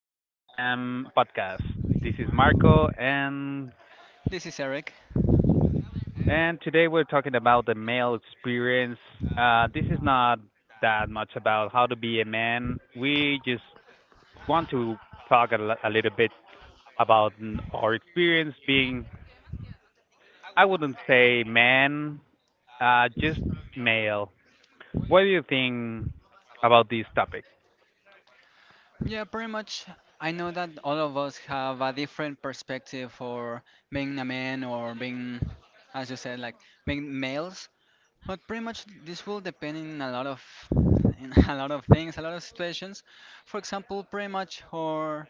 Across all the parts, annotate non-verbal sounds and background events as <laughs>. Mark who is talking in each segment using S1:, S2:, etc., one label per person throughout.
S1: E&M Podcast. This is Marco, and
S2: This is Eric.
S1: and today we're talking about the male experience. This is not that much about how to be a man. We just want to talk a little bit about our experience being, I wouldn't say man, just male. What do you think about this topic?
S2: Yeah, pretty much. I know that all of us have a different perspective for being a man or being, as you said, like being males. But pretty much this will depend in <laughs> a lot of things, a lot of situations. For example, pretty much our,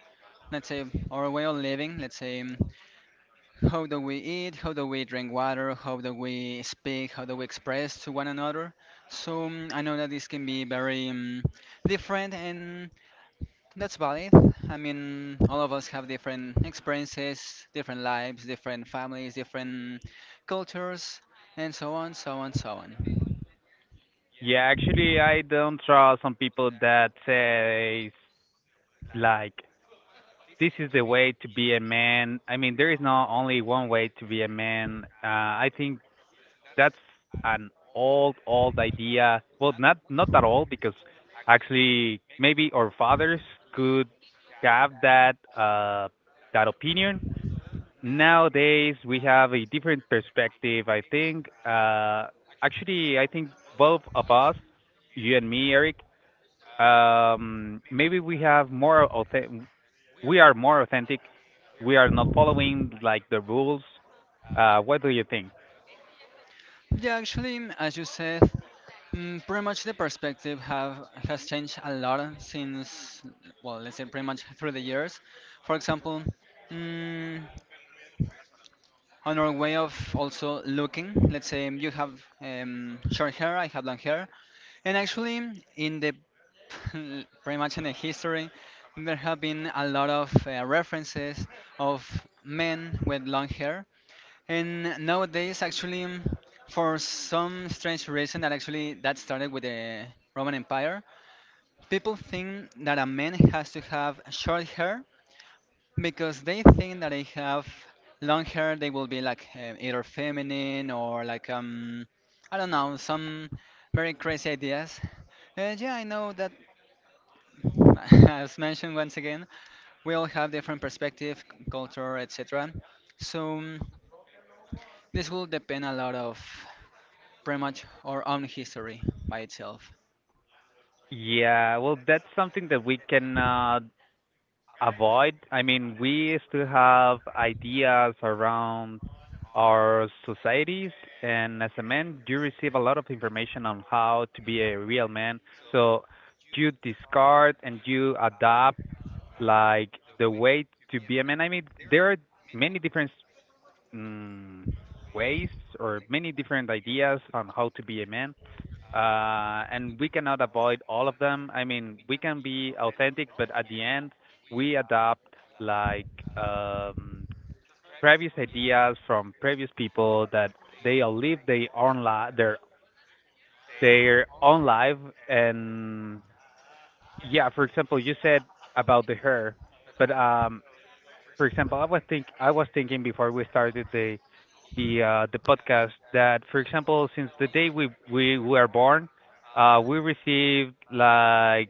S2: let's say our way of living. Let's say how do we eat, how do we drink water, how do we speak, how do we express to one another. So I know that this can be very different and that's valid. I mean, all of us have different experiences, different lives, different families, different cultures, and so on, so on, so on.
S1: Yeah, actually, I don't trust some people that say like this is the way to be a man. I mean, there is not only one way to be a man. I think that's an old, old idea. Well, not that old because actually maybe our fathers could have that that opinion. Nowadays we have a different perspective. I think both of us, you and me, Eric, maybe we have we are more authentic. We are not following like the rules. What do you think?
S2: Yeah, actually, as you said, pretty much the perspective have has changed a lot since, well, let's say pretty much through the years. For example, mm, on our way of also looking, let's say you have short hair, I have long hair. And actually, in the <laughs> pretty much in the history, there have been a lot of references of men with long hair. And nowadays, actually, for some strange reason that actually that started with the Roman Empire, people think that a man has to have short hair because they think that they have long hair, they will be like either feminine or like I don't know, some very crazy ideas. And yeah, I know that, <laughs> as mentioned once again, we all have different perspective, culture, etc. So this will depend a lot of pretty much our own history by itself.
S1: Yeah, well, that's something that we cannot avoid. I mean, we still have ideas around our societies, and as a man, you receive a lot of information on how to be a real man. So you discard and you adapt like the way to be a man. I mean, there are many different mm, ways or many different ideas on how to be a man. And we cannot avoid all of them. I mean, we can be authentic, but at the end, we adopt like um, previous ideas from previous people that they all live their own life. And yeah, for example, you said about the hair, but for example, I was thinking before we started the podcast that, for example, since the day we were born, we received like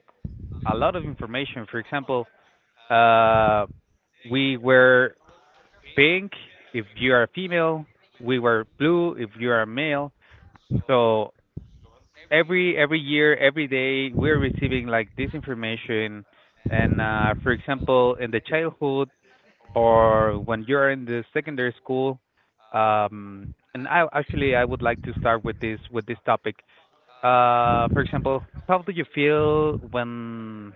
S1: a lot of information. For example, uh, we were pink if you are a female, we were blue if you are a male. So every year, every day, we're receiving like this information. And for example, in the childhood, or when you're in the secondary school. And I actually I would like to start with this topic. For example, how do you feel when,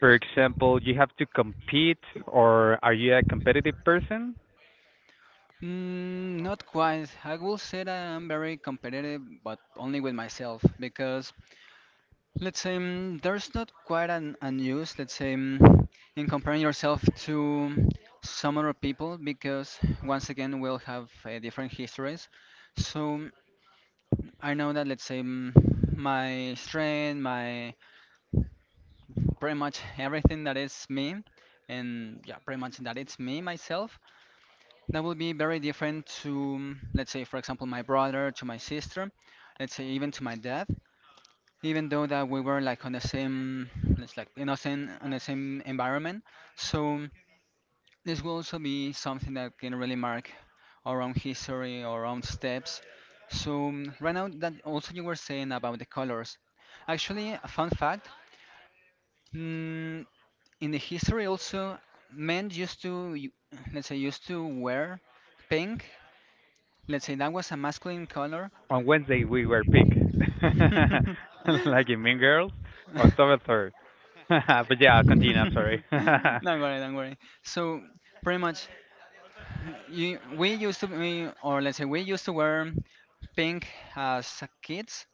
S1: for example, you have to compete, or are you a competitive person?
S2: Mm, not quite. I will say that I'm very competitive, but only with myself. Because let's say there's not quite an use, let's say, in comparing yourself to some other people, because once again we'll have different histories. So I know that, let's say, my strength, my pretty much everything that is me, and yeah, pretty much that it's me, myself, that will be very different to, let's say, for example, my brother, to my sister, let's say, even to my dad, even though that we were like on the same it's like in the same on the same environment. So this will also be something that can really mark our own history, our own steps. So right now that also you were saying about the colors, actually a fun fact, mm, in the history also men let's say used to wear pink. Let's say that was a masculine color.
S1: On Wednesday we were pink, <laughs> like in Mean Girls,
S2: <laughs> <laughs>
S1: October 3rd. <laughs> But yeah, continue. I'm sorry.
S2: Don't
S1: <laughs>
S2: worry, don't worry. So pretty much, we used to be, or let's say we used to wear pink as kids,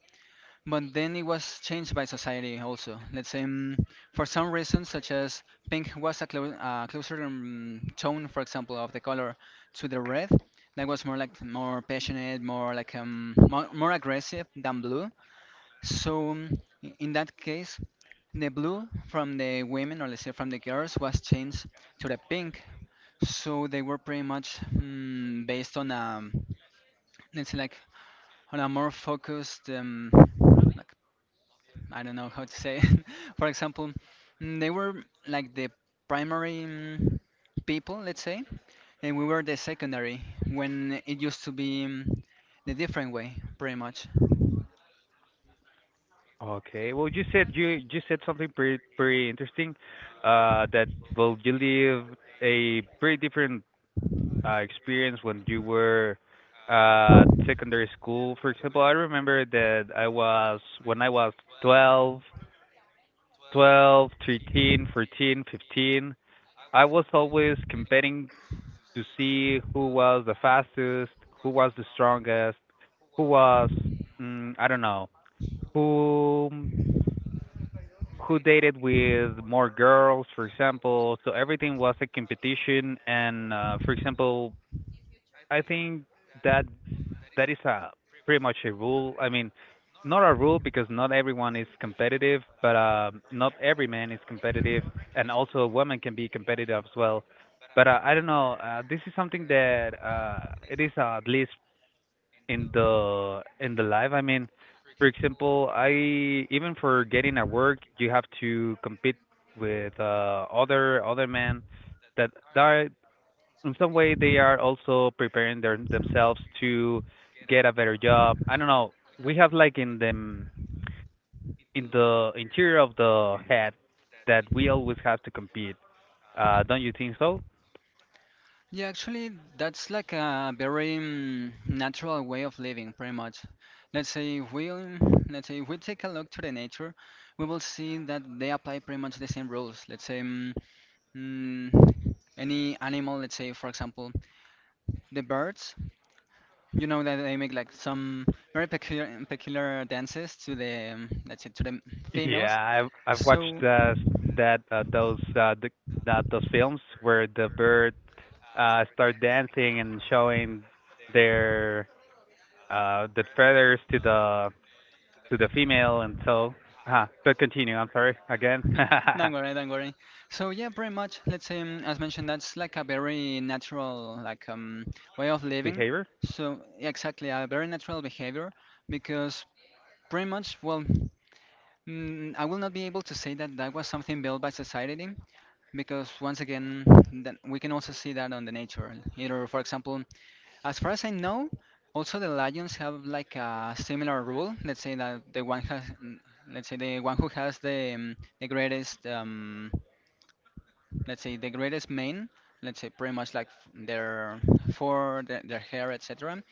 S2: but then it was changed by society also. Let's say for some reason, such as pink was a closer tone, for example, of the color to the red. That was more like more passionate, more like more aggressive than blue. So in that case, the blue from the women, or let's say from the girls, was changed to the pink. So they were pretty much based on a, let's say like on a more focused, like I don't know how to say it. <laughs> For example, they were like the primary people, let's say, and we were the secondary, when it used to be the different way, pretty much.
S1: Okay. Well, you said something pretty interesting. That well, you live a pretty different experience when you were secondary school. For example, I remember that I was when I was 12, 12, 13, 14, 15. I was always competing to see who was the fastest, who was the strongest, who was I don't know, who who dated with more girls, for example. So everything was a competition, and for example, I think that that is a pretty much a rule. I mean, not a rule because not everyone is competitive, but not every man is competitive, and also a woman can be competitive as well. But I don't know. This is something that it is at least in the life. I mean, for example, I even for getting at work, you have to compete with other men that are in some way they are also preparing their themselves to get a better job. I don't know. We have like in the interior of the head that we always have to compete. Don't you think so? <laughs>
S2: Yeah, actually, that's like a very natural way of living, pretty much. Let's say if we let's say if we take a look to the nature, we will see that they apply pretty much the same rules. Let's say mm, any animal, let's say for example the birds, you know that they make like some very peculiar dances to the let's say to the females.
S1: Yeah, I've watched
S2: So.
S1: that those the, that those films where the bird start dancing and showing their the feathers to the female and so but continue I'm sorry again
S2: <laughs> Don't worry,
S1: <laughs>
S2: don't worry. So yeah, pretty much. Let's say, as mentioned, that's like a very natural, like way of living.
S1: behavior.
S2: So yeah, exactly, a very natural behavior, because pretty much, well, I will not be able to say that that was something built by society, because once again, that we can also see that on the nature. Either, for example, as far as I know, also the lions have like a similar rule. Let's say that the one has, let's say the one who has the greatest. Let's say the greatest men, let's say pretty much like f- their for their, their hair, etc.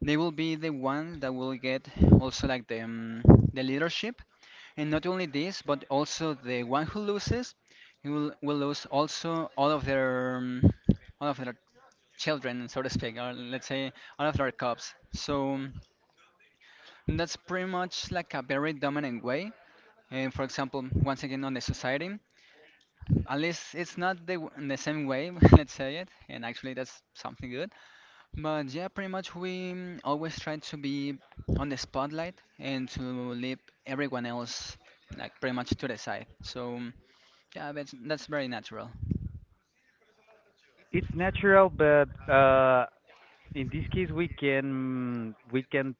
S2: They will be the ones that will get also like the leadership. And not only this, but also the one who loses, he will lose also all of their children, so to speak, or let's say all of their cubs. So that's pretty much like a very dominant way. And for example, once again on the society, unless it's not the in the same way, <laughs> let's say it, and actually that's something good. But yeah, pretty much we always try to be on the spotlight and to leave everyone else like pretty much to the side. So yeah, that's very natural.
S1: It's natural but in this case we can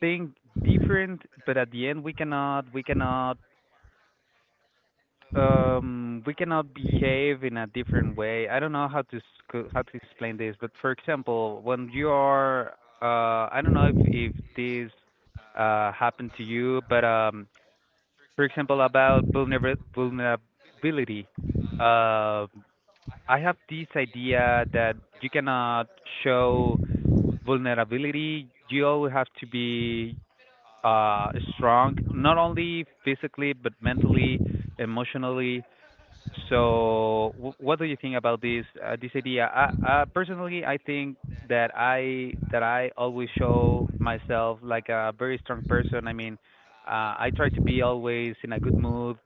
S1: think different but at the end we cannot behave in a different way. I don't know how to explain this, but for example, when you are I don't know if this happened to you, but for example about vulnerability. Uh I have this idea that you cannot show vulnerability. You always have to be uh strong, not only physically but mentally, emotionally. So, what do you think about this this idea? I personally, I think that I always show myself like a very strong person. I mean, I try to be always in a good mood.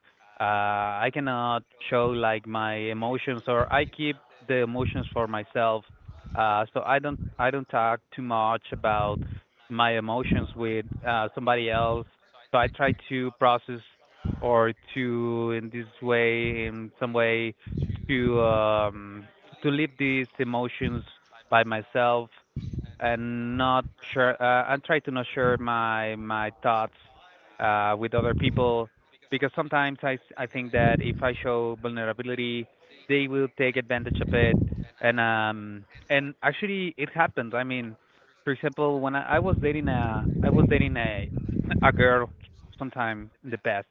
S1: Uh, I cannot show like my emotions, or I keep the emotions for myself. So I don't talk too much about my emotions with somebody else. So I try to process or to in this way in some way to um to live these emotions by myself and not share and try to not share my thoughts with other people because sometimes I think that if I show vulnerability they will take advantage of it and actually it happened. I mean for example when I was dating a girl sometime in the past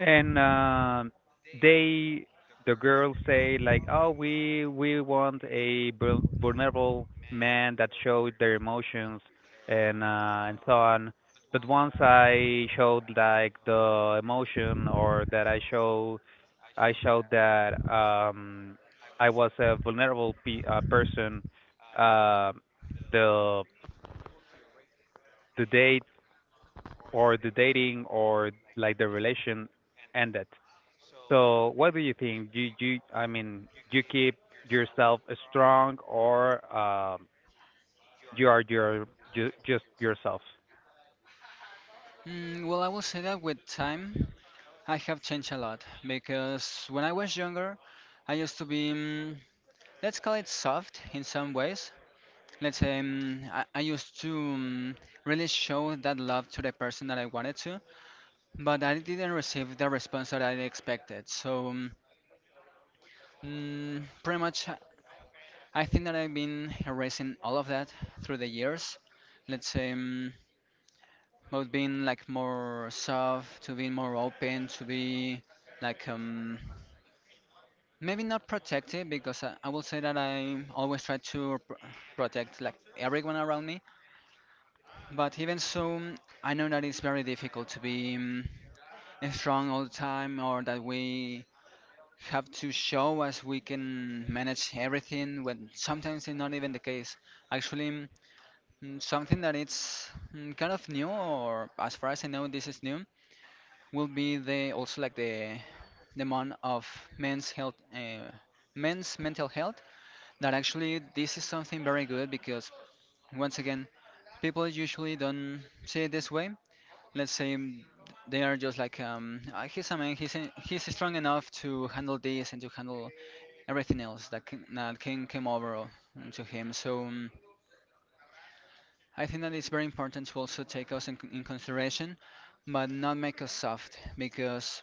S1: and they the girls say like, oh, we want a vulnerable man that showed their emotions and so on but once I showed like the emotion or that I show I showed that I was a vulnerable person uh the the date or the dating or like the relation ended. So what do you think? I mean, do you keep yourself strong or you are your just yourself?
S2: Mm, well, I will say that with time, I have changed a lot because when I was younger, I used to be, let's call it soft in some ways. Let's say I used to really show that love to the person that I wanted to, but I didn't receive the response that I expected. So pretty much, I think that I've been erasing all of that through the years. Let's say both being like more soft, to being more open, to be like maybe not protective because I will say that I always try to protect like everyone around me. But even so, I know that it's very difficult to be strong all the time, or that we have to show as we can manage everything when sometimes it's not even the case. Actually, something that it's kind of new, or as far as I know, this is new, will be the also like the month of men's health. Men's mental health, that actually this is something very good because once again people usually don't see it this way. Let's say they are just like "Ah, he's a man. He's strong enough to handle this and to handle everything else that that can come to him." So I think that it's very important to also take us in consideration, but not make us soft because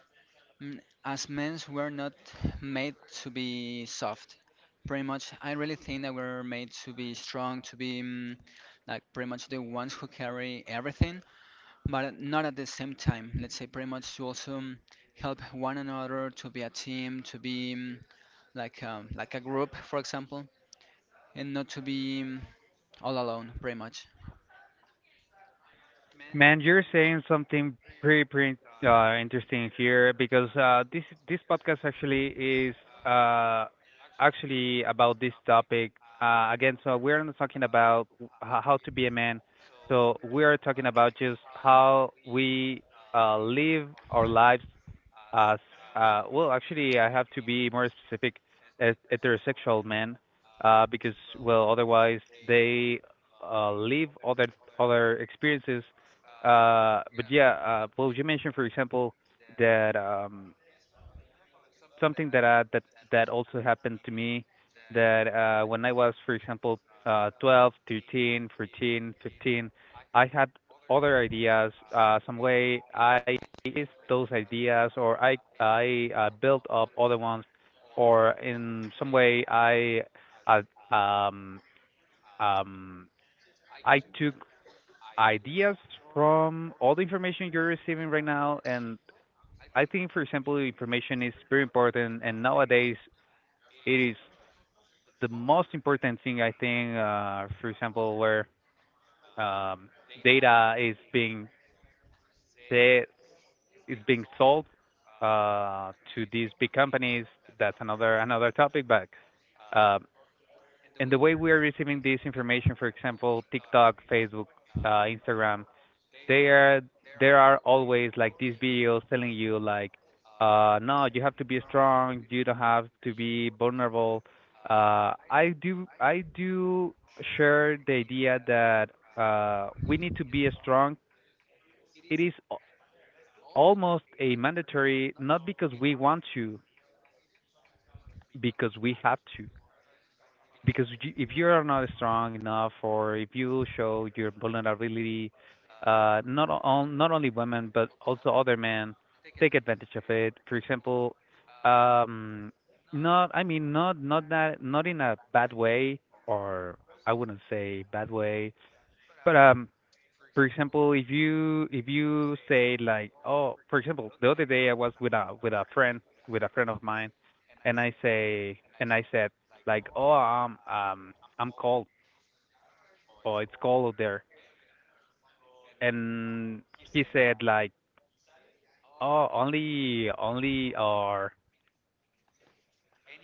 S2: mm, as men we're not made to be soft. Pretty much, I really think that we're made to be strong, to be like pretty much the ones who carry everything, but not at the same time. Let's say pretty much to also help one another to be a team, to be like a group, for example, and not to be all alone, pretty much.
S1: Man, you're saying something pretty interesting here because this podcast actually is uh, actually about this topic again. So we're not talking about how to be a man. So we are talking about just how we live our lives. Actually, I have to be more specific at heterosexual men, because well, otherwise they leave other experiences. But yeah, well, you mentioned for example that something that that also happened to me that when I was, for example, 12, 13, 14, 15, I had other ideas. Some way I used those ideas, or I built up other ones, or in some way uh, um um I took ideas from all the information you're receiving right now and I think, for example, information is very important, and nowadays it is the most important thing I think. For example, where um, data de- is being sold to these big companies. That's another topic, but um, and the way we are receiving this information, for example, TikTok, Facebook, Instagram, there there are always like these videos telling you like no you have to be strong, you don't have to be vulnerable. I do share the idea that we need to be strong. It is almost a mandatory, not because we want to, because we have to, because if you're not strong enough or if you show your vulnerability, not only women but also other men take advantage of it. For example, um, not I mean not not that not in a bad way or I wouldn't say bad way, but for example, if you say like, oh, for example, the other day I was with a with a friend of mine, and I say and I said like, oh, I'm cold, or it's cold out there, and he said like, oh, only or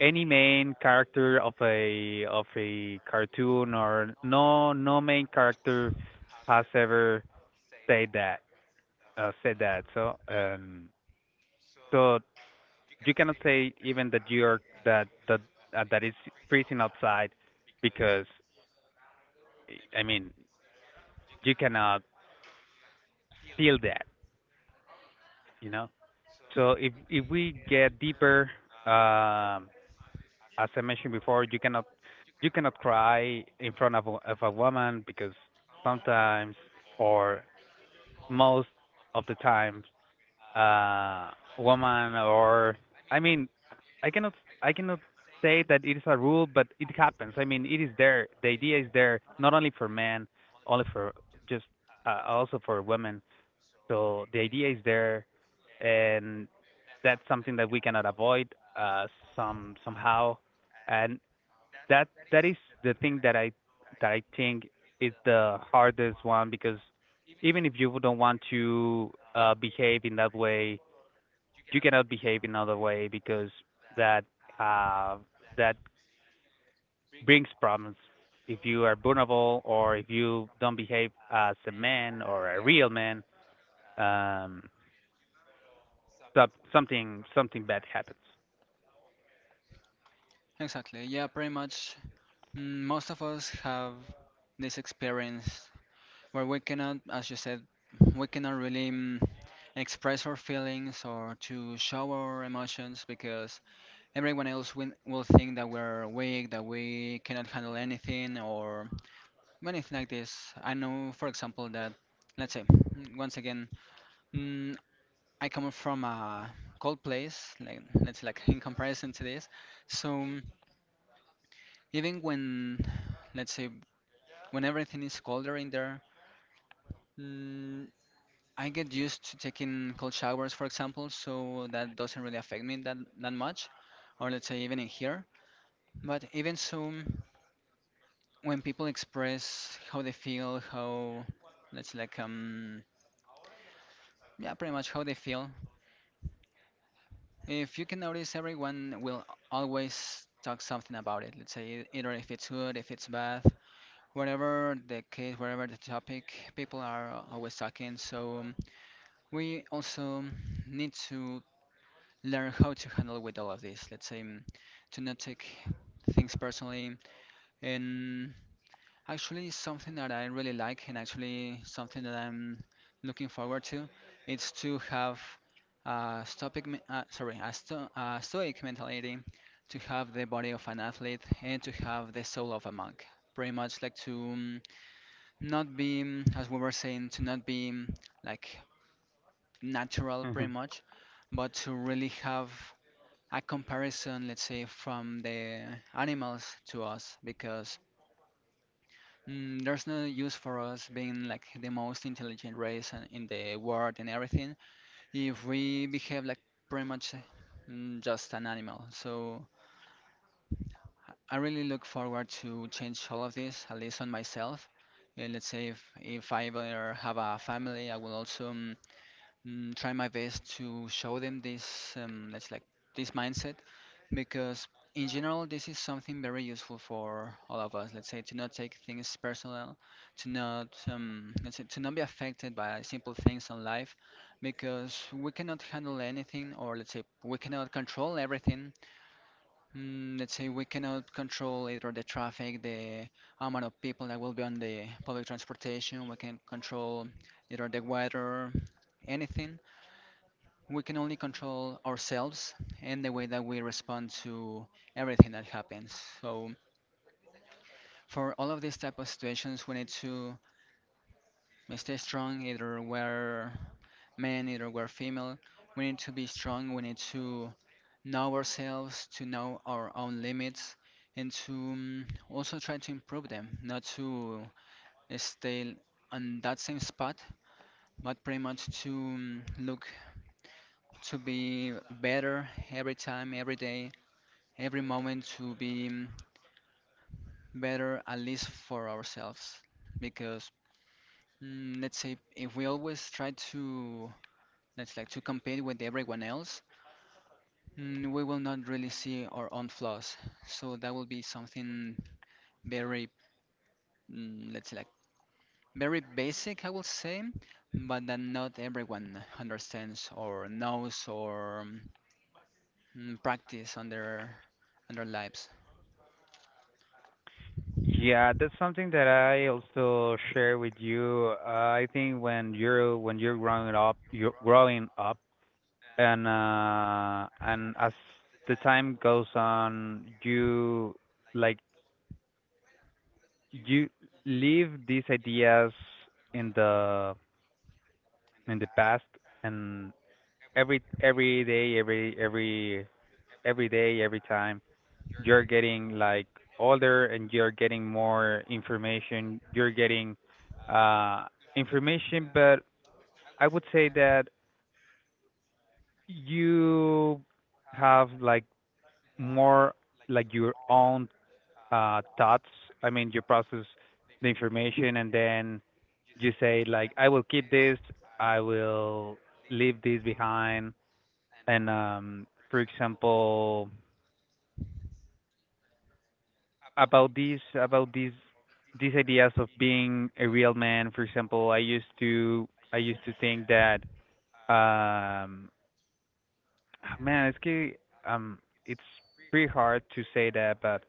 S1: any main character of a cartoon, or no main character has ever said that said that. So so you cannot say even that that it's freezing outside because I mean you cannot feel that, you know. So if we get deeper, um, as I mentioned before, you cannot cry in front of of a woman because sometimes or most of the times uh woman or I mean I cannot I cannot say that it is a rule but it happens. I mean it is there. The idea is there not only for men, only for just also for women. So the idea is there and that's something that we cannot avoid uh some somehow, and that is the thing that I think is the hardest one because even if you don't want to behave in that way, you cannot behave in another way because that uh, that brings problems. If you are vulnerable or if you don't behave as a man or a real man, um, so, something bad happens.
S2: Exactly. Yeah, pretty much. Most of us have this experience where we cannot, as you said, we cannot really express our feelings or to show our emotions because everyone will think that we're weak, that we cannot handle anything, or many things like this. I know, for example, that let's say once again, mm, I come from a cold place, like let's say, like in comparison to this. So even when let's say when everything is colder in there, mm, I get used to taking cold showers, for example. So that doesn't really affect me that much, or let's say even in here. But even so, when people express how they feel, how let's say like yeah, pretty much how they feel. If you can notice, everyone will always talk something about it. Let's say either if it's good, if it's bad, whatever the case, whatever the topic, people are always talking. So we also need to learn how to handle with all of this. Let's say to not take things personally. And actually, something that I really like and actually something that I'm looking forward to, is to have a stoic, me- sorry, a, sto a stoic mentality, to have the body of an athlete and to have the soul of a monk. Pretty much like to not be, as we were saying, to not be like natural, pretty
S1: Mhm.
S2: much, but to really have a comparison, let's say, from the animals to us, because there's no use for us being like the most intelligent race in the world and everything if we behave like pretty much just an animal. So I really look forward to change all of this, at least on myself. And let's say if I ever have a family, I will also try my best to show them this, let's like this mindset because in general this is something very useful for all of us, let's say, to not take things personal, to not let's say to not be affected by simple things in life because we cannot handle anything, or let's say we cannot control everything. Let's say we cannot control either the traffic, the amount of people that will be on the public transportation. We can control either the weather, anything. We can only control ourselves and the way that we respond to everything that happens. So for all of these type of situations, we need to stay strong, either we're men, either we're female. We need to be strong. We need to know ourselves, to know our own limits, and to also try to improve them, not to stay on that same spot, but pretty much to look to be better every time, every day, every moment to be better, at least for ourselves. Because let's say if we always try to let's like to compete with everyone else, we will not really see our own flaws. So that will be something very mm, let's say like very basic, I will say, but that not everyone understands or knows or practice on their lives. <laughs>
S1: Yeah, that's something that I also share with you. I think when you're growing up, and as the time goes on, like you leave these ideas in the past, and every day every day every time you're getting like older, and you're getting more information, you're getting uh information. But I would say that you have like more, like your own thoughts. I mean, you process the information, and then you say like, I will keep this, I will leave this behind. And for example, about these ideas of being a real man, for example, I used to think that um ah, man it's ki- um it's pretty hard to say that, but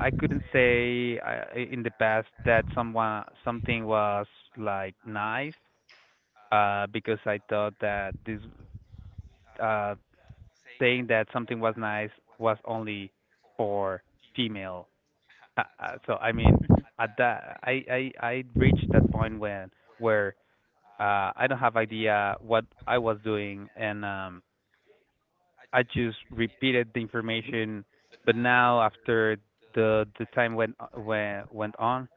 S1: I couldn't say in the past that someone something was like nice, because I thought that this uh saying that something was nice was only for female. So I mean, at that I reached that point when where I don't have idea what I was doing. And I just repeated the information. But now, after the time went on,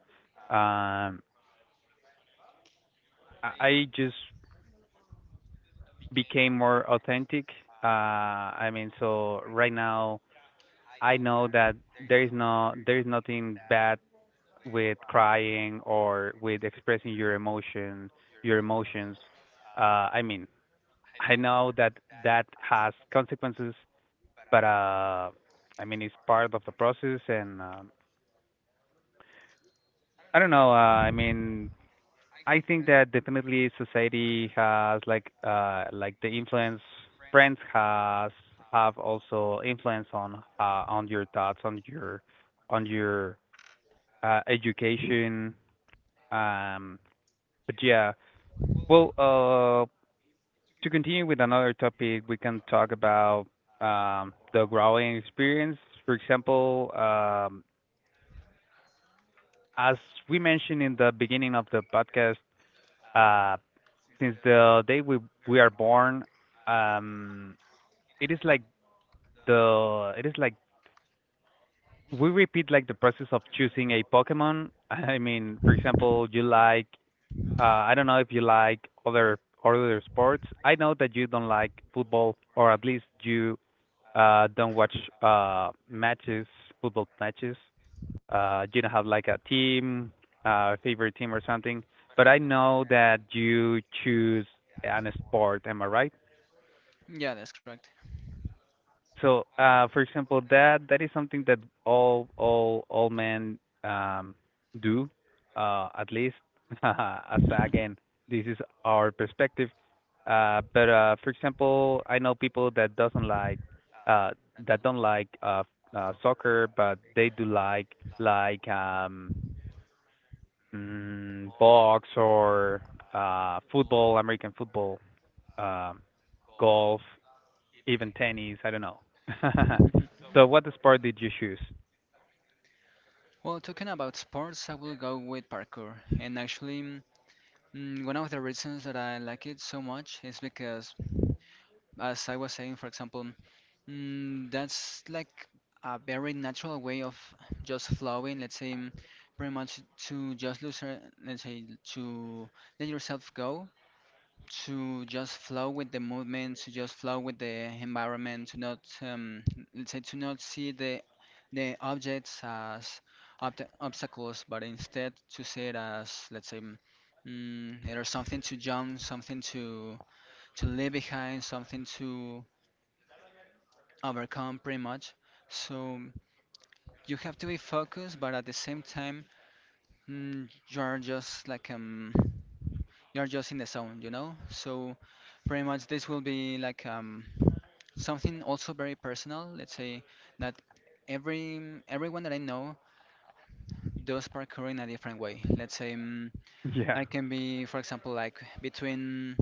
S1: um I just became more authentic. So right now, I know that there is nothing bad with crying or with expressing your emotions. I mean, I know that that has consequences, but I mean, it's part of the process. And I don't know. I mean, I think that definitely society has the influence, friends has have also influence on your thoughts, on your education. Um but yeah Well, to continue with another topic, we can talk about the growing experience. For example, as we mentioned in the beginning of the podcast, uh, since the day we are born, um, it is like the it is like we repeat like the process of choosing a Pokemon. <laughs> I mean, for example, you like, I don't know if you like other other sports. I know that you don't like football, or at least you don't watch matches, football matches. You don't have like a team, favorite team or something. But I know that you choose an sport, am I right?
S2: Yeah, that's correct.
S1: So, for example, that is something that all men um, do, at least. <laughs> As again, this is our perspective. But for example, I know people that doesn't like uh, that don't like soccer, but they do like like um, box, or football, American football, um golf, even tennis. I don't know. <laughs>
S2: <laughs>
S1: So, what sport did you choose?
S2: Well, talking about sports, I will go with parkour. And actually, one of the reasons that I like it so much is because, as I was saying, for example, that's like a very natural way of just flowing. Let's say, pretty much to just lose, let's say, to let yourself go, to just flow with the movement, to just flow with the environment, to not let's say to not see the objects as obta obstacles, but instead to see it as, let's say, there's something to jump, something to leave behind, something to overcome, pretty much. So you have to be focused, but at the same time, you're just like you're just in the zone, you know. So pretty much this will be like something also very personal, let's say, that every everyone that I know does parkour in a different way. Let's say,
S1: <laughs> Yeah,
S2: I can be, for example, like between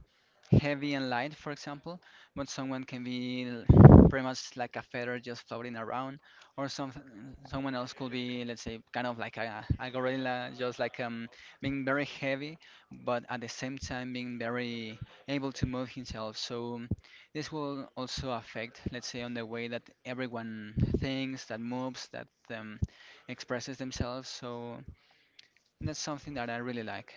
S2: heavy and light, for example, but someone can be pretty much like a feather just floating around, or someone else could be, let's say, kind of like a gorilla, just like being very heavy, but at the same time being very able to move himself. So this will also affect, let's say, on the way that everyone thinks, that moves, that um, expresses themselves. So that's something that I really like.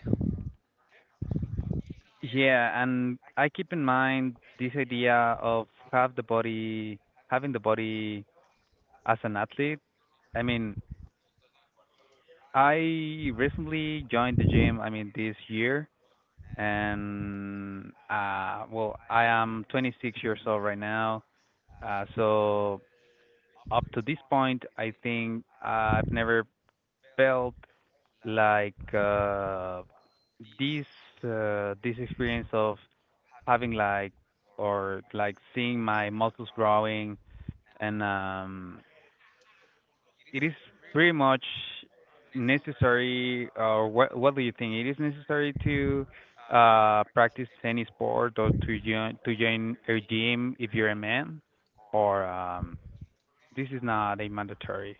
S1: yeah, and I keep in mind this idea of having the body as an athlete. I mean, I recently joined the gym. I mean, this year. And well, I am 26 years old right now. So up to this point, I think I've never felt like this this experience of having like, or like seeing my muscles growing. And it is pretty much necessary, or what do you think? It is necessary to practice any sport, or to join a gym if you're a man, or this is not a mandatory.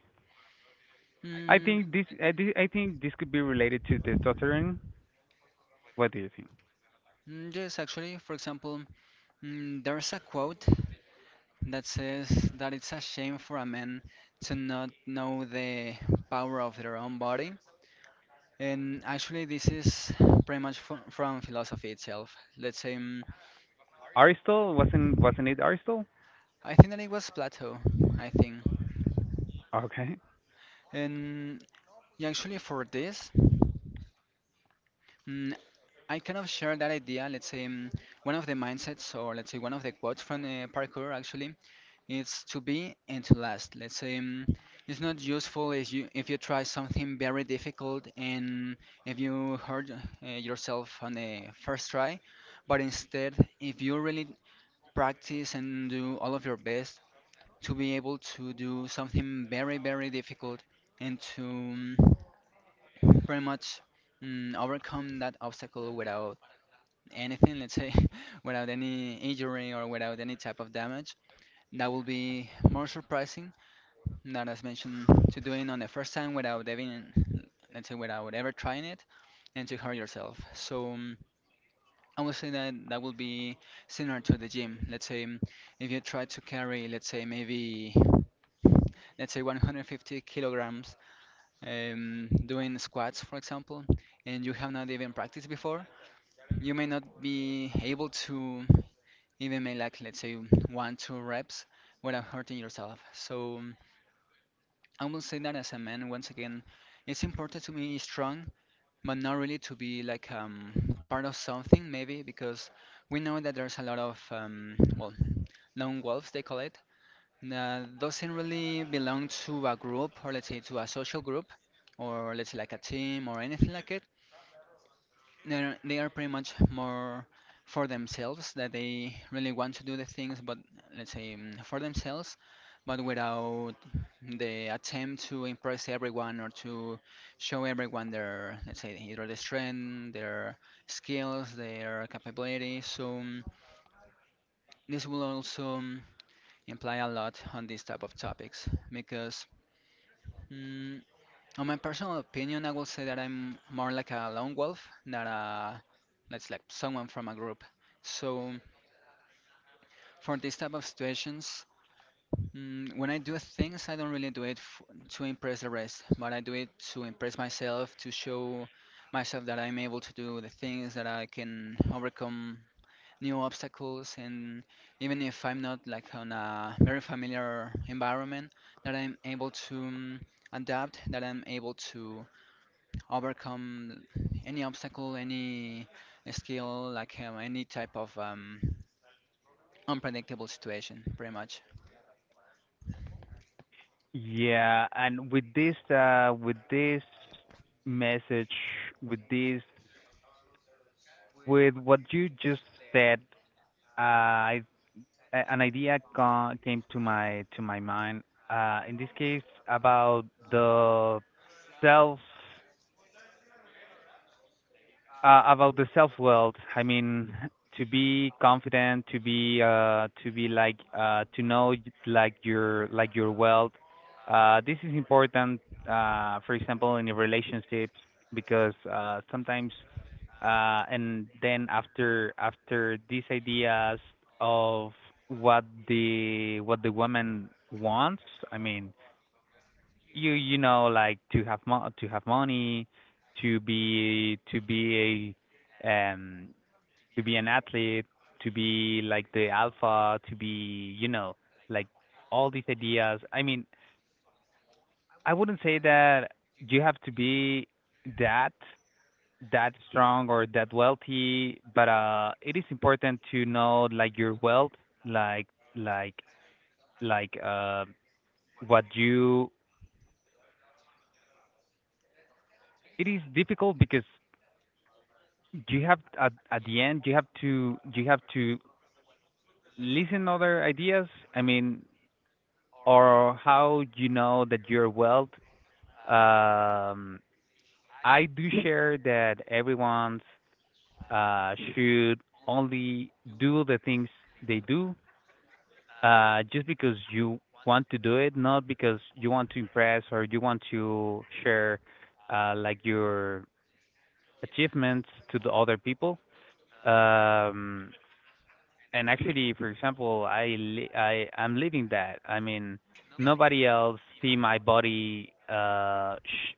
S1: i
S2: Mm,
S1: think this i, thi- I think this could be related to testosterone. What do you think?
S2: Yes, actually, for example, there's a quote that says that it's a shame for a man to not know the power of their own body. And actually, this is pretty much from philosophy itself. Let's say,
S1: Aristotle, wasn't it Aristotle?
S2: I think that it was Plato, I think.
S1: Okay.
S2: And yeah, actually, for this, mm, I kind of share that idea. Let's say, one of the mindsets, or let's say, one of the quotes from parkour, actually. It's to be and to last. Let's say, it's not useful if you try something very difficult, and if you hurt yourself on the first try, but instead, if you really practice and do all of your best to be able to do something very very difficult and to pretty much overcome that obstacle without anything, let's say, <laughs> without any injury or without any type of damage. That will be more surprising, not as mentioned to doing on the first time without even, let's say, without ever trying it and to hurt yourself. So I would say that that would be similar to the gym. Let's say, if you try to carry, let's say maybe, let's say, 150 kilograms, doing squats, for example, and you have not even practiced before, you may not be able to even make like, let's say, 1 2 reps without hurting yourself. So I will say that as a man, once again, it's important to be strong, but not really to be like part of something, maybe, because we know that there's a lot of, well, lone wolves, they call it, that doesn't really belong to a group, or let's say to a social group, or let's say like a team or anything like it. They are pretty much more for themselves, that they really want to do the things, but let's say, for themselves, but without the attempt to impress everyone, or to show everyone their, let's say, either their strength, their skills, their capabilities. So mm, this will also mm, imply a lot on these type of topics because, mm, on my personal opinion, I will say that I'm more like a lone wolf than a, let's like, someone from a group. So for these type of situations, when I do things, I don't really do it f to impress the rest, but I do it to impress myself, to show myself that I'm able to do the things, that I can overcome new obstacles, and even if I'm not like on a very familiar environment, that I'm able to adapt, that I'm able to overcome any obstacle, any skill, like any type of unpredictable situation, pretty much.
S1: Yeah, and with this message, with this with what you just said, I an idea came to my mind. In this case, the self about the self world. I mean, to be confident, to be like to know like your wealth. Uh, this is important, for example, in your relationships. Because sometimes, and then after these ideas of what the woman wants, I mean, you know, like to to have money, to be a to be an athlete, to be like the alpha, to be, you know, like all these ideas. I mean, I wouldn't say that you have to be that that strong or that wealthy, but uh, it is important to know like your wealth, like like like uh what you, it is difficult because, do you have at the end? Do you have to, listen other ideas? I mean, or how do you know that you're well? Um, I do share that everyone's should only do the things they do, just because you want to do it, not because you want to impress, or you want to share like your achievements to the other people. Um, and actually, for example, I'm living that. I mean, nobody else see my body sh-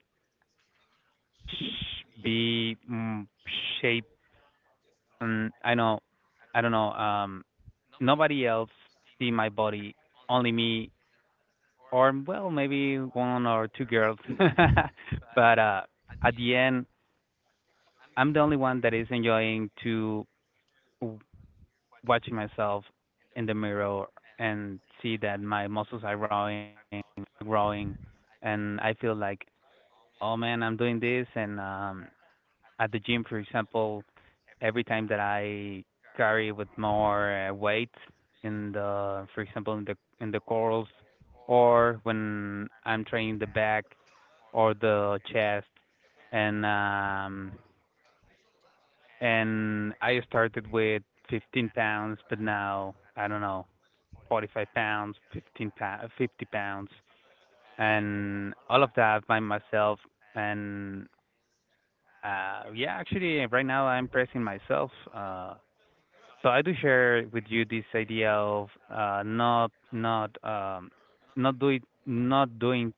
S1: sh- be mm, shape. And I know, I don't know, um, nobody else see my body, only me. Or well, maybe one or two girls. <laughs> But uh, at the end, I'm the only one that is enjoying to watching myself in the mirror, and see that my muscles are growing, growing. And I feel like, oh man, I'm doing this. And at the gym, for example, every time that I carry with more weight in the, for example, in the curls, or when I'm training the back or the chest. And and I started with 15 pounds, but now I don't know. 45 pounds, 15 pounds, 50 pounds, and all of that by myself. And yeah, actually, right now I'm pressing myself. So I do share with you this idea of not doing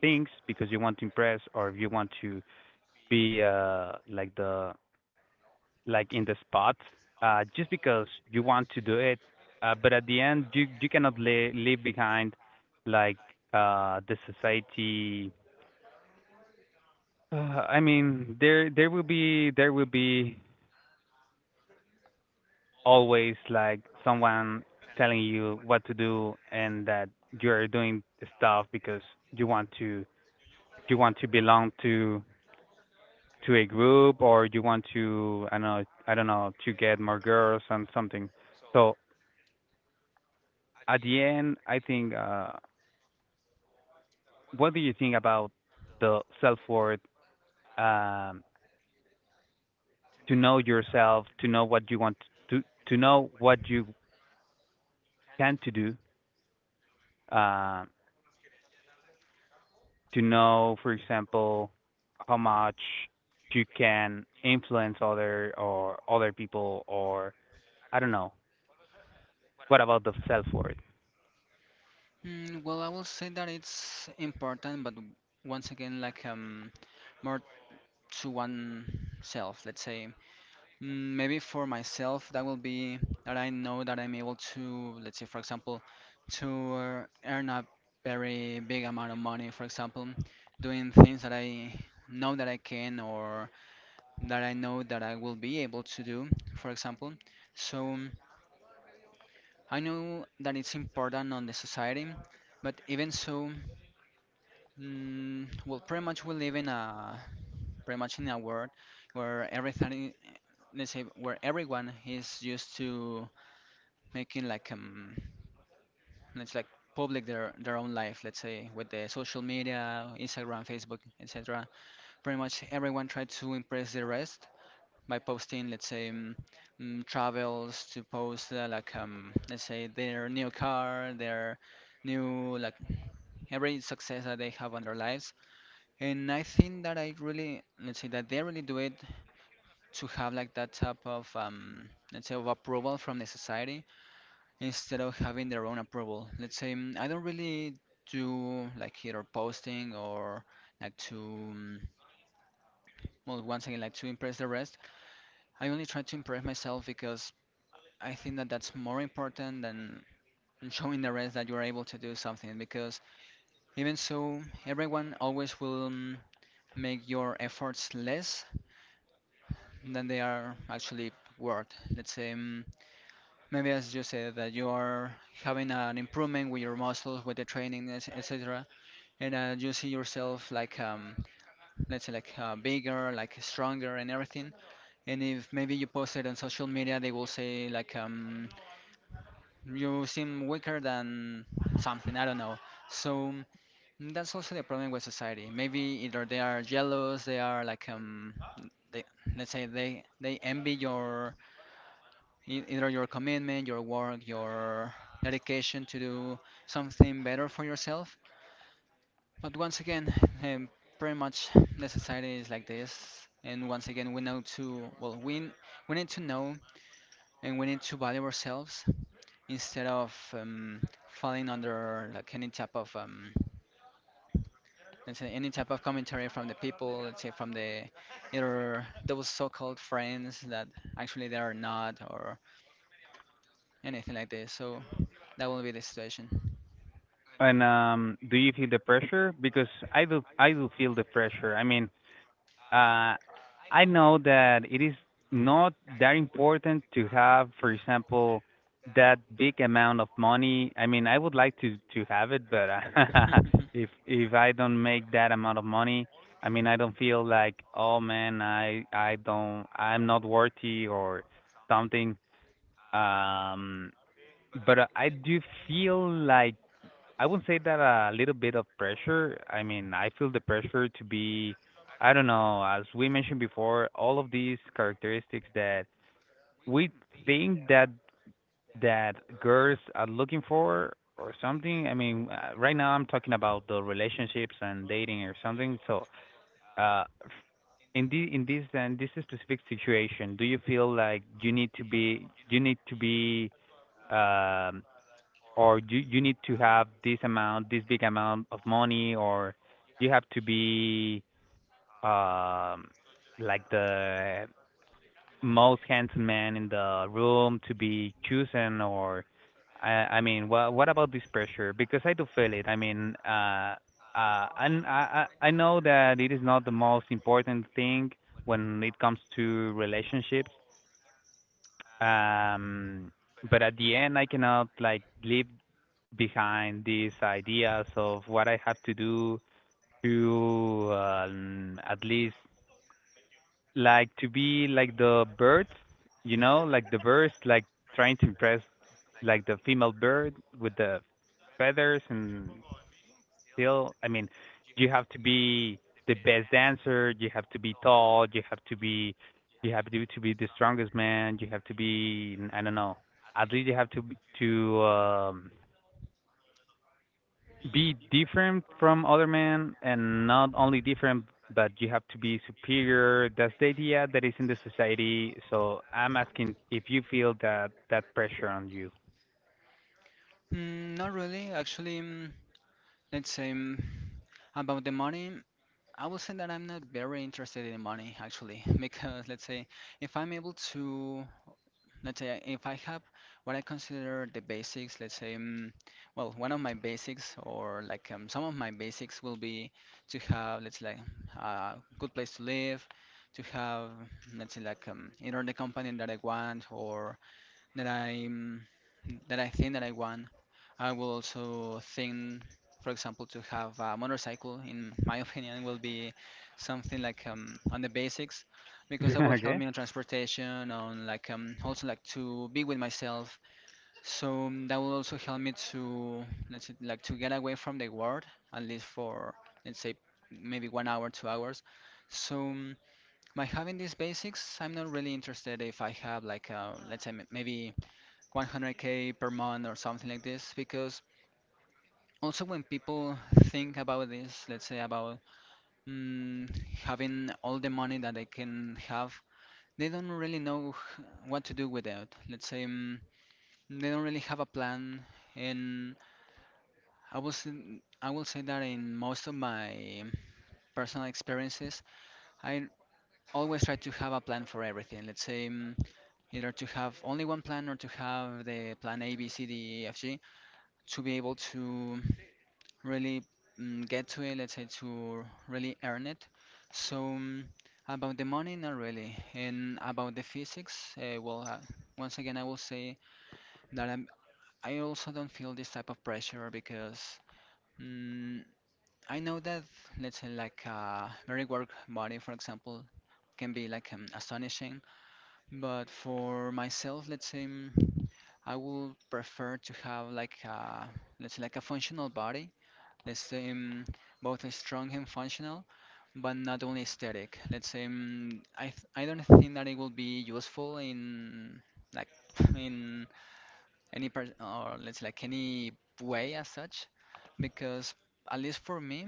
S1: things because you want to impress, or if you want to be like the, like in the spot, just because you want to do it. But at the end, you cannot leave behind like the society. Uh, I mean, there will be always like someone telling you what to do, and that you're doing stuff because you want to you want to belong to a group, or you want to, I don't know, to get more girls and something. So at the end, I think, what do you think about the self worth? Um, to know yourself, to know what you want to to know what you tend to do, um, to know, for example, how much you can influence other people. Or I don't know. What about the self worth?
S2: Mm, well, I will say that it's important, but once again, like more to oneself, let's say. Maybe for myself, that will be that I know that I'm able to, let's say, for example, to earn a very big amount of money, for example, doing things that I know that I can, or that I know that I will be able to do, for example. So I know that it's important on the society, but even so, well, pretty much we live in a world where everything, let's say, where everyone is used to making like it's like public their own life, let's say, with the social media, Instagram, Facebook, etc. Pretty much everyone try to impress the rest, by posting, let's say, travels, to post let's say their new car, their new like every success that they have on their lives. And I think that I really, let's say that they really do it to have like that type of let's say of approval from the society instead of having their own approval. Let's say, I don't really do like either posting or like to well, once again, like to impress the rest. I only try to impress myself because I think that that's more important than showing the rest that you are able to do something, because even so, everyone always will make your efforts less than they are actually worth. Let's say, maybe as you said that you are having an improvement with your muscles, with the training, etc., and you see yourself like let's say like bigger, like stronger, and everything. And if maybe you post it on social media, they will say like you seem weaker than something, I don't know. So that's also the problem with society. Maybe either they are jealous, they are like they let's say they envy your either your commitment, your work, your dedication to do something better for yourself. But once again, um, pretty much the society is like this. And once again, we need to know and we need to value ourselves instead of falling under like any type of let's say any type of commentary from the people, let's say from the, either those so-called friends that actually they are not, or anything like this. So that will be the situation.
S1: And do you feel the pressure? Because I do feel the pressure. I mean, uh, I know that it is not that important to have, for example, that big amount of money. I mean, I would like to have it, but <laughs>
S2: <laughs>
S1: if I don't make that amount of money, I mean, I don't feel like, oh man, I'm not worthy or something. Um, but I do feel like, I would say that a little bit of pressure. I mean, I feel the pressure to be, I don't know, as we mentioned before, all of these characteristics that we think that girls are looking for or something. I mean, right now I'm talking about the relationships and dating or something. So, uh, in the in this specific situation, do you feel like you need to be you need to be um or you need to have this amount, this big amount of money, or you have to be um like the most handsome man in the room to be chosen, or I mean, what about this pressure? Because I do feel it. I mean, and I know that it is not the most important thing when it comes to relationships. Um, but at the end, I cannot like live behind these ideas of what I have to do to at least like to be like the birds, you know, like the birds, like trying to impress like the female bird with the feathers and still. I mean, you have to be the best dancer. You have to be tall. You have to be, you have to be the strongest man. You have to be, I don't know. At least you have to be different from other men, and not only different, but you have to be superior. That's the idea that is in the society. So I'm asking, if you feel that that pressure on you?
S2: Mm, not really. Actually, let's say, about the money. I will say that I'm not very interested in money, actually, <laughs> because, let's say, if I'm able to, let's say if I have what I consider the basics, let's say, well, one of my basics, or like some of my basics will be to have, let's say, like, a good place to live, to have, let's say, like either the company that I want, or that I'm that I think that I want. I will also think, for example, to have a motorcycle. In my <laughs> opinion, will be something like on the basics, because that will help
S1: <laughs> Okay.
S2: me on transportation, on, like also like to be with myself. So, that will also help me to, let's say, like to get away from the world, at least for, let's say, maybe 1 hour, 2 hours. So, by having these basics, I'm not really interested if I have like let's say maybe 100K per month or something like this, because also when people think about this, let's say, about mm, having all the money that they can have, they don't really know what to do with it, let's say. They don't really have a plan, and i will say, I will say that in most of my personal experiences, I always try to have a plan for everything. Let's say, either to have only one plan or to have the plan A, B, C, D, E, F, G, to be able to really get to it, let's say, to really earn it. So, about the money, not really. And about the physics, well, once again, I will say that I also don't feel this type of pressure, because mm, I know that, let's say, like a very work body, for example, can be like astonishing. But for myself, let's say, I will prefer to have like a, let's say, like a functional body, let's say, both strong and functional, but not only aesthetic. Let's say, I don't think that it will be useful in like <laughs> in any part, or let's like any way as such, because at least for me,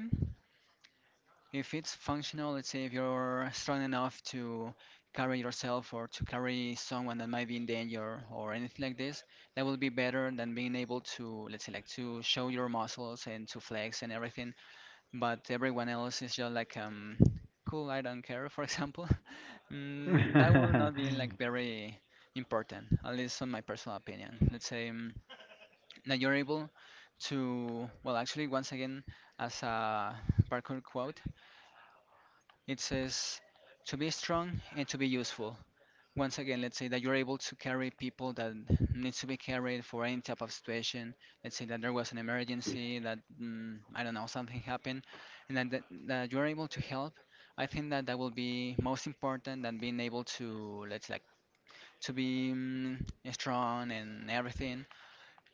S2: if it's functional, let's say, if you're strong enough to carry yourself or to carry someone that might be in danger or anything like this, that will be better than being able to, let's say, like to show your muscles and to flex and everything, but everyone else is just like cool, I don't care, for example. <laughs>
S1: <laughs>
S2: That will not be like
S1: <laughs>
S2: very important, at least on my personal opinion. Let's say, that you're able to, well, actually, once again, as a parkour quote, it says to be strong and to be useful. Once again, let's say that you're able to carry people that needs to be carried for any type of situation. Let's say that there was an emergency, that I don't know, something happened, and then that you're able to help. I think that that will be most important than being able to, let's like to be strong and everything,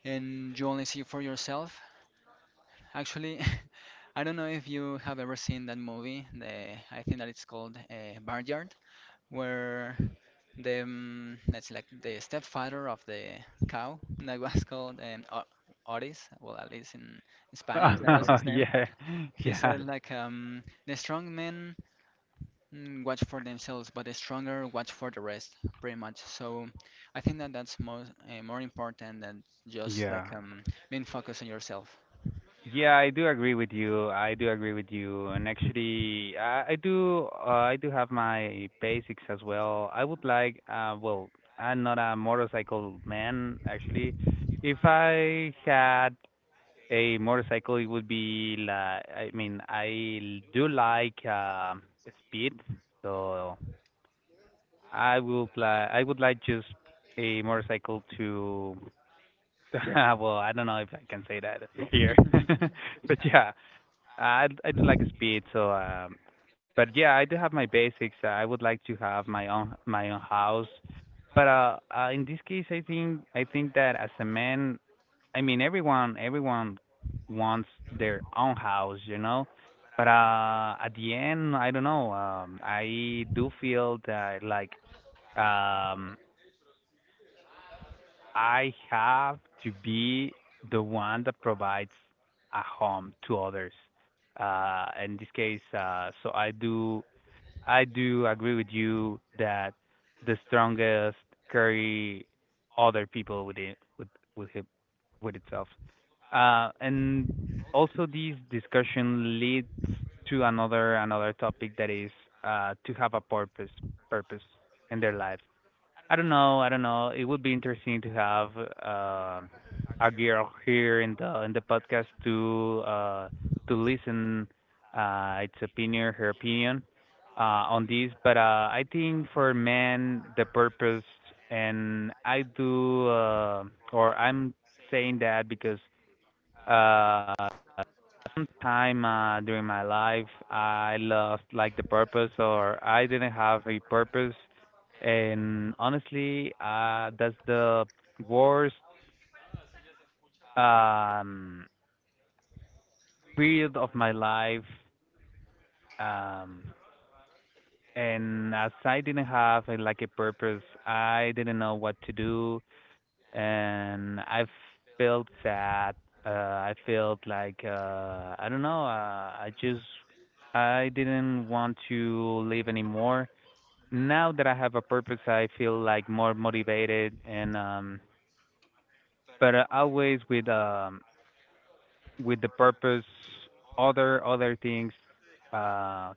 S2: and you only see for yourself. Actually, <laughs> I don't know if you have ever seen that movie. The, I think that it's called Barnyard, where the that's like the stepfather of the cow that was called Otis. Well, at least in Spanish, that was his name.
S1: yeah
S2: He
S1: yeah
S2: said like, the strong men watch for themselves, but the stronger watch for the rest, pretty much. So I think that that's more important than just
S1: yeah.
S2: like, being focused on yourself. <laughs>
S1: Yeah, I do agree with you. I do agree with you. And actually, I do I do have my basics as well. I would like I'm not a motorcycle man actually. If I had a motorcycle, it would be like do like speed, so I would like just a motorcycle to <laughs> well, I don't know if I can say that here. <laughs> But yeah, I do like speed, but yeah, I do have my basics. I would like to have my own house, but in this case, I think that as a man, I mean everyone wants their own house, you know. But at the end, I don't know. I do feel that like um I have to be the one that provides a home to others. In this case, so I do agree with you that the strongest carry other people with it with it, with itself. And also this discussion leads to another topic that is to have a purpose in their lives. I don't know. I don't know. It would be interesting to have a girl here in the podcast to listen her opinion on this. But I think for men, the purpose, and I do, or I'm saying that because uh sometime during my life I lost like the purpose or I didn't have a purpose, and honestly that's the worst um period of my life, um and as I didn't have like a purpose, I didn't know what to do, and I felt sad. I felt like I don't know. I just I didn't want to live anymore. Now that I have a purpose, I feel like more motivated, and but always with the purpose. Other things. Uh,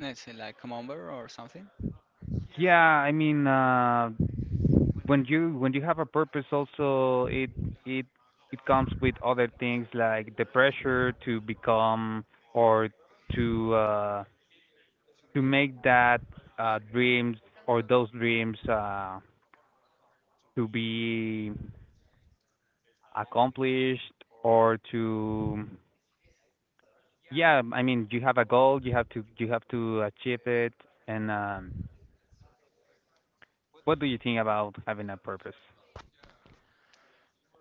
S2: Let's say like come over or something.
S1: yeah. I mean, when you have a purpose, also it it comes with other things like the pressure to become or to uh to make that dreams, or those dreams to be accomplished or to, yeah, I mean, you have a goal, you have to achieve it. And what do you think about having a purpose?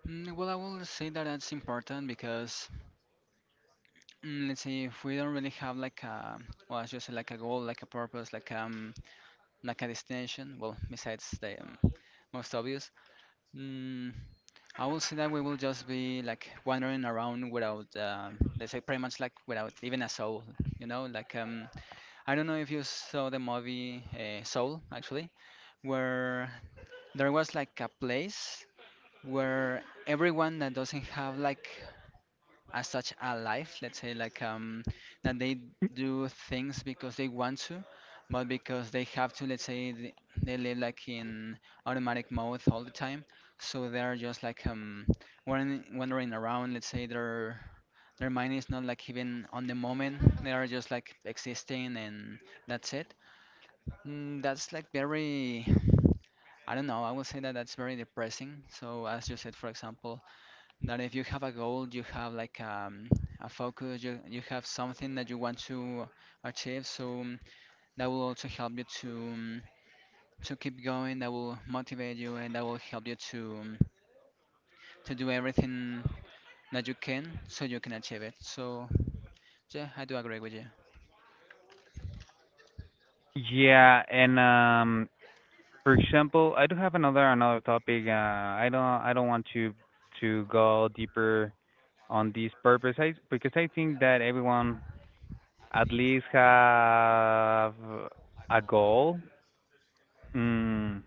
S2: Well, I will say that that's important, because let's see, if we don't really have like a, well, as you said, like a goal, like a purpose, like a destination, well, besides the most obvious, mm, I will say that we will just be like wandering around without, let's say, pretty much, like, without even a soul, like, I don't know if you saw the movie, Soul, actually, where there was like a place where everyone that doesn't have like as such a life, let's say, like, that they do things, because they want to, but because they have to, let's say, they live like in automatic mode all the time, so they're just like, wandering around, let's say, their mind is not like even on the moment, they are just like existing, and that's it. That's like very, I don't know. I would say that that's very depressing. So, as you said, for example, that if you have a goal, you have like, a focus, you have something that you want to achieve. So, that will also help you to, to keep going. That will motivate you, and that will help you to, to do everything that you can, so you can achieve it. So yeah, I do agree with you.
S1: Yeah and For example, I do have another topic. I don't want to go deeper on this purpose. I because I think that everyone at least have a goal. Mm,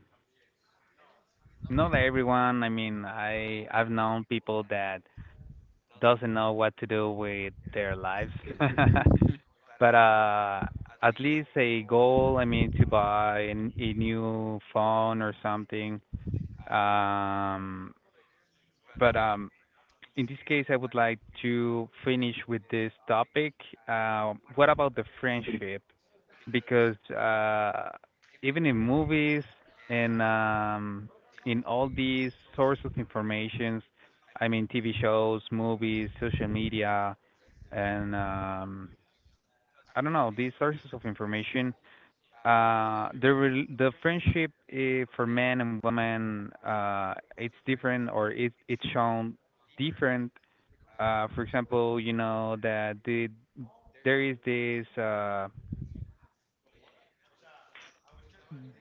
S1: not everyone. I mean, I've known people that doesn't know what to do with their lives, <laughs> but at least a goal. I mean, to buy a new phone or something. Um, but in this case, I would like to finish with this topic. What about the friendship? Because even in movies, and in all these sources of information, I mean TV shows, movies, social media, and I don't know, these sources of information. The friendship, for men and women, it's different, or it it's shown different. For example, you know that there is this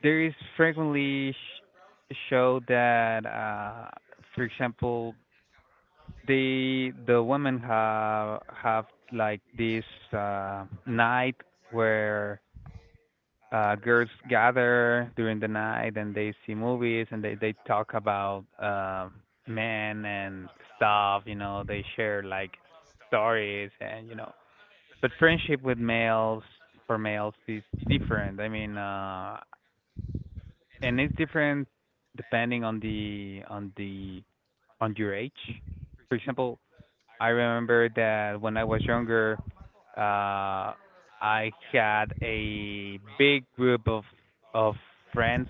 S1: there is frequently show that for example, the women have like this night where girls gather during the night and they see movies and they talk about men and stuff, you know, they share like stories, and you know, but friendship with males, for males, is different. I mean, and it's different depending on the on the on your age. For example, I remember that when I was younger, uh, I had a big group of friends.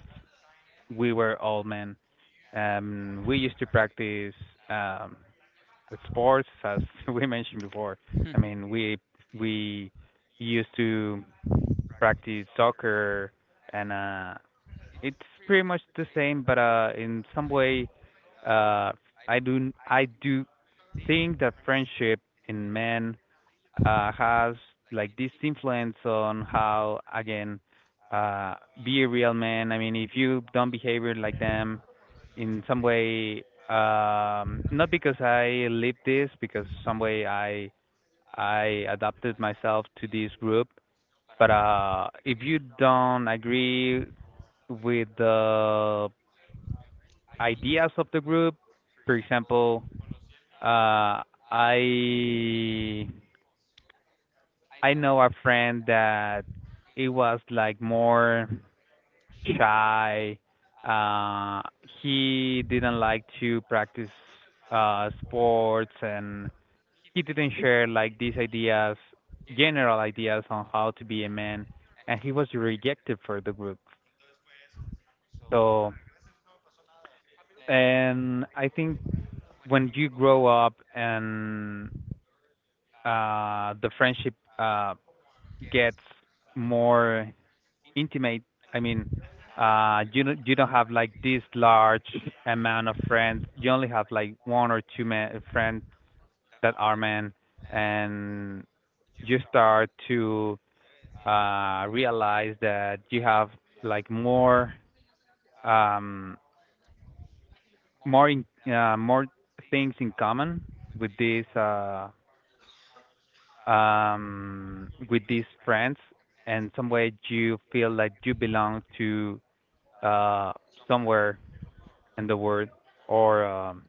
S1: We were all men. We used to practice um sports, as <laughs> we mentioned before. I
S2: <laughs>
S1: mean, we used to practice soccer, and it's pretty much the same, but in some way, uh I do think that friendship in men has like this influence on how, again, uh be a real man. I mean, if you don't behave like them in some way, not because I lived this, because some way I adapted myself to this group, but if you don't agree with the ideas of the group, for example, uh, I I know a friend that it was like more shy. Uh, he didn't like to practice sports, and he didn't share like these ideas, general ideas on how to be a man, and he was rejected for the group. So, and I think when you grow up, and the friendship gets more intimate. I mean, you don't have like this large amount of friends. You only have like one or two men friends that are men, and you start to realize that you have like um more in, more things in common with these uh with these friends, and some way you feel like you belong to uh, somewhere in the world, or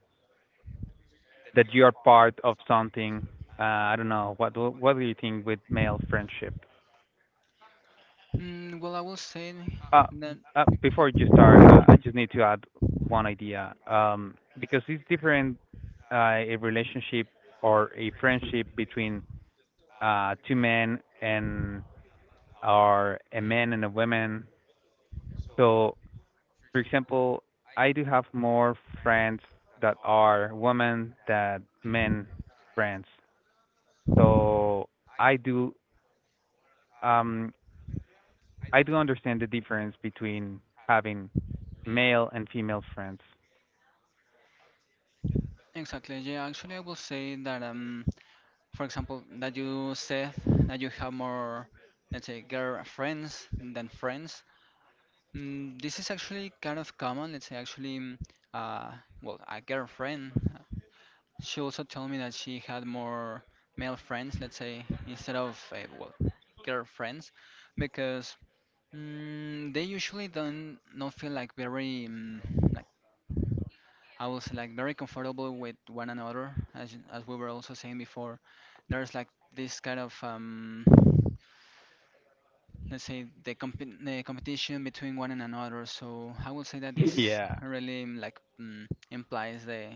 S1: that you are part of something. Uh, I don't know. What do you think with male friendship?
S2: Well, I will say
S1: Uh,
S2: that.
S1: before you start, I
S2: <laughs>
S1: just need to add one idea. Because it's different, a relationship or a friendship between two men and or a man and a woman. So, for example, I do have more friends that are women than men friends. So I do um I do understand the difference between having male and female friends.
S2: Exactly. Yeah, actually, I will say that, for example, that you said that you have more, let's say, girlfriends than friends. This is actually kind of common. Let's say, actually, uh, well, a girlfriend. She also told me that she had more male friends, let's say, instead of, well, girlfriends, because they usually don't not feel like very like, I was like very comfortable with one another, as we were also saying before. There's like this kind of, let's say, the competition between one and another. So I would say that
S1: <laughs>
S2: this
S1: yeah.
S2: really like implies the,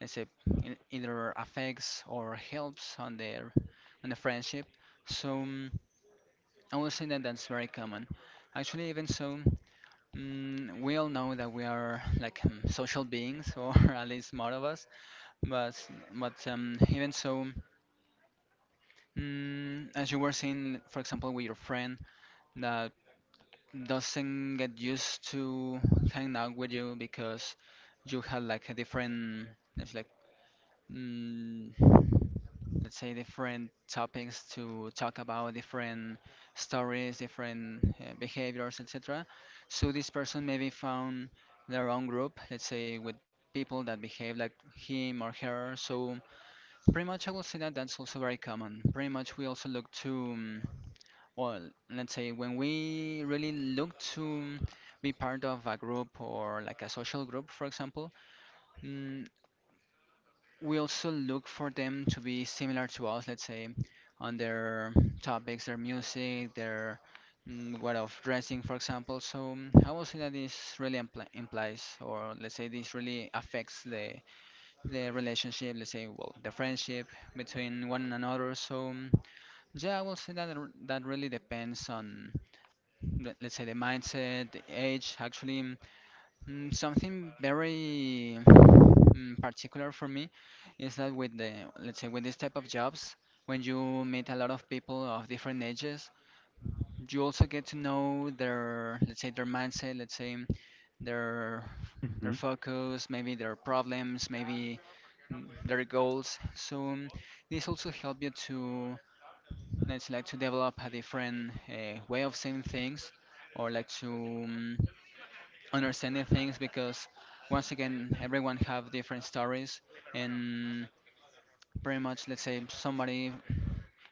S2: let's say, in, either affects or helps on their on the friendship. So I would say that that's very common. Actually, even so, we all know that we are like, social beings, or <laughs> at least more of us. But but even so, as you were saying, for example, with your friend that doesn't get used to hang out with you because you had like a different, it's like, mm, let's say, different topics to talk about, different stories, different behaviors, etc. So this person maybe found their own group, let's say, with people that behave like him or her. So pretty much, I will say that that's also very common. Pretty much, we also look to, well, let's say, when we really look to be part of a group or like a social group, for example, mm, we also look for them to be similar to us, let's say, on their topics, their music, their way of dressing, for example. So, I will say that this really implies, or let's say, this really affects the relationship, let's say, well, the friendship between one another. So, yeah, I will say that, that really depends on, let's say, the mindset, the age. Actually, something very particular for me is that with the, let's say, with this type of jobs, when you meet a lot of people of different ages, you also get to know their, let's say, their mindset, let's say, their their
S1: Mhm.
S2: focus, maybe, their problems, maybe, their goals. So, this also help you to, let's say, like to develop a different way of seeing things, or like to, understanding things, because once again, everyone have different stories, and pretty much, let's say, somebody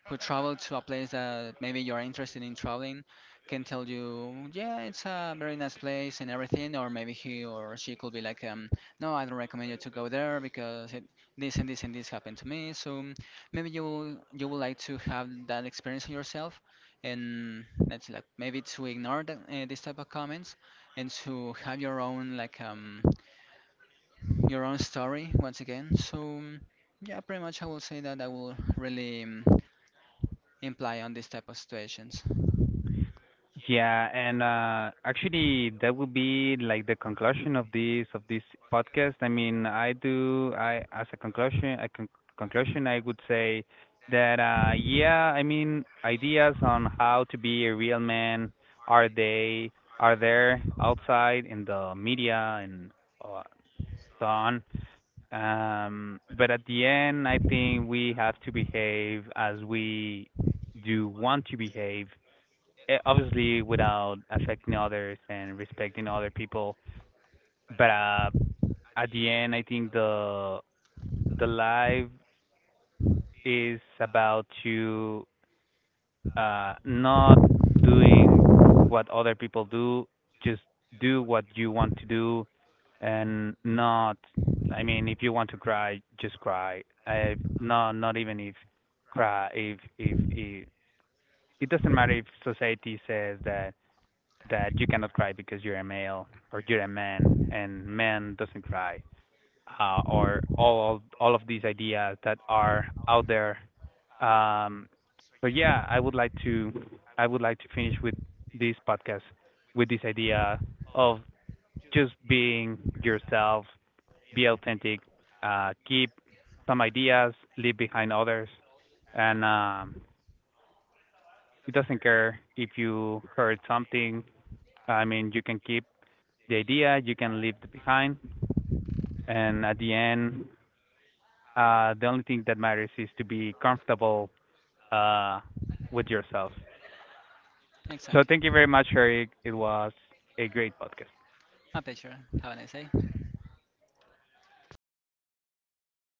S2: who travel to a place that maybe you're interested in traveling can tell you, yeah, it's a very nice place and everything, or maybe he or she could be like, no, I don't recommend you to go there, because this and this and this happened to me. So maybe you would like to have that experience yourself, and that's like, maybe to ignore this type of comments, and to have your own, your own story once again. So yeah, pretty much, I will say that I will really, imply on these type of situations.
S1: Yeah, and actually, that would be like the conclusion of this podcast. I mean, I do. I as a conclusion, conclusion, I would say that yeah. I mean, ideas on how to be a real man are they are there outside in the media, and uh, so on. But at the end, I think we have to behave as we do want to behave, eh, obviously without affecting others and respecting other people. But at the end, I think the live is about to not doing what other people do, just do what you want to do, and not. I mean, if you want to cry, just cry. Not, not, even if cry if if it doesn't matter if society says that you cannot cry because you're a male, or you're a man and man doesn't cry, or all of these ideas that are out there, um, so yeah, I would like to I would like to finish with this podcast with this idea of just being yourself, be authentic, keep some ideas, leave behind others, and it doesn't care if you heard something. I mean, you can keep the idea, you can leave it behind, and at the end, the only thing that matters is to be comfortable uh with yourself. So
S2: Exactly.
S1: thank you very much, Eric, it was a great podcast.
S2: My pleasure. Have a nice day.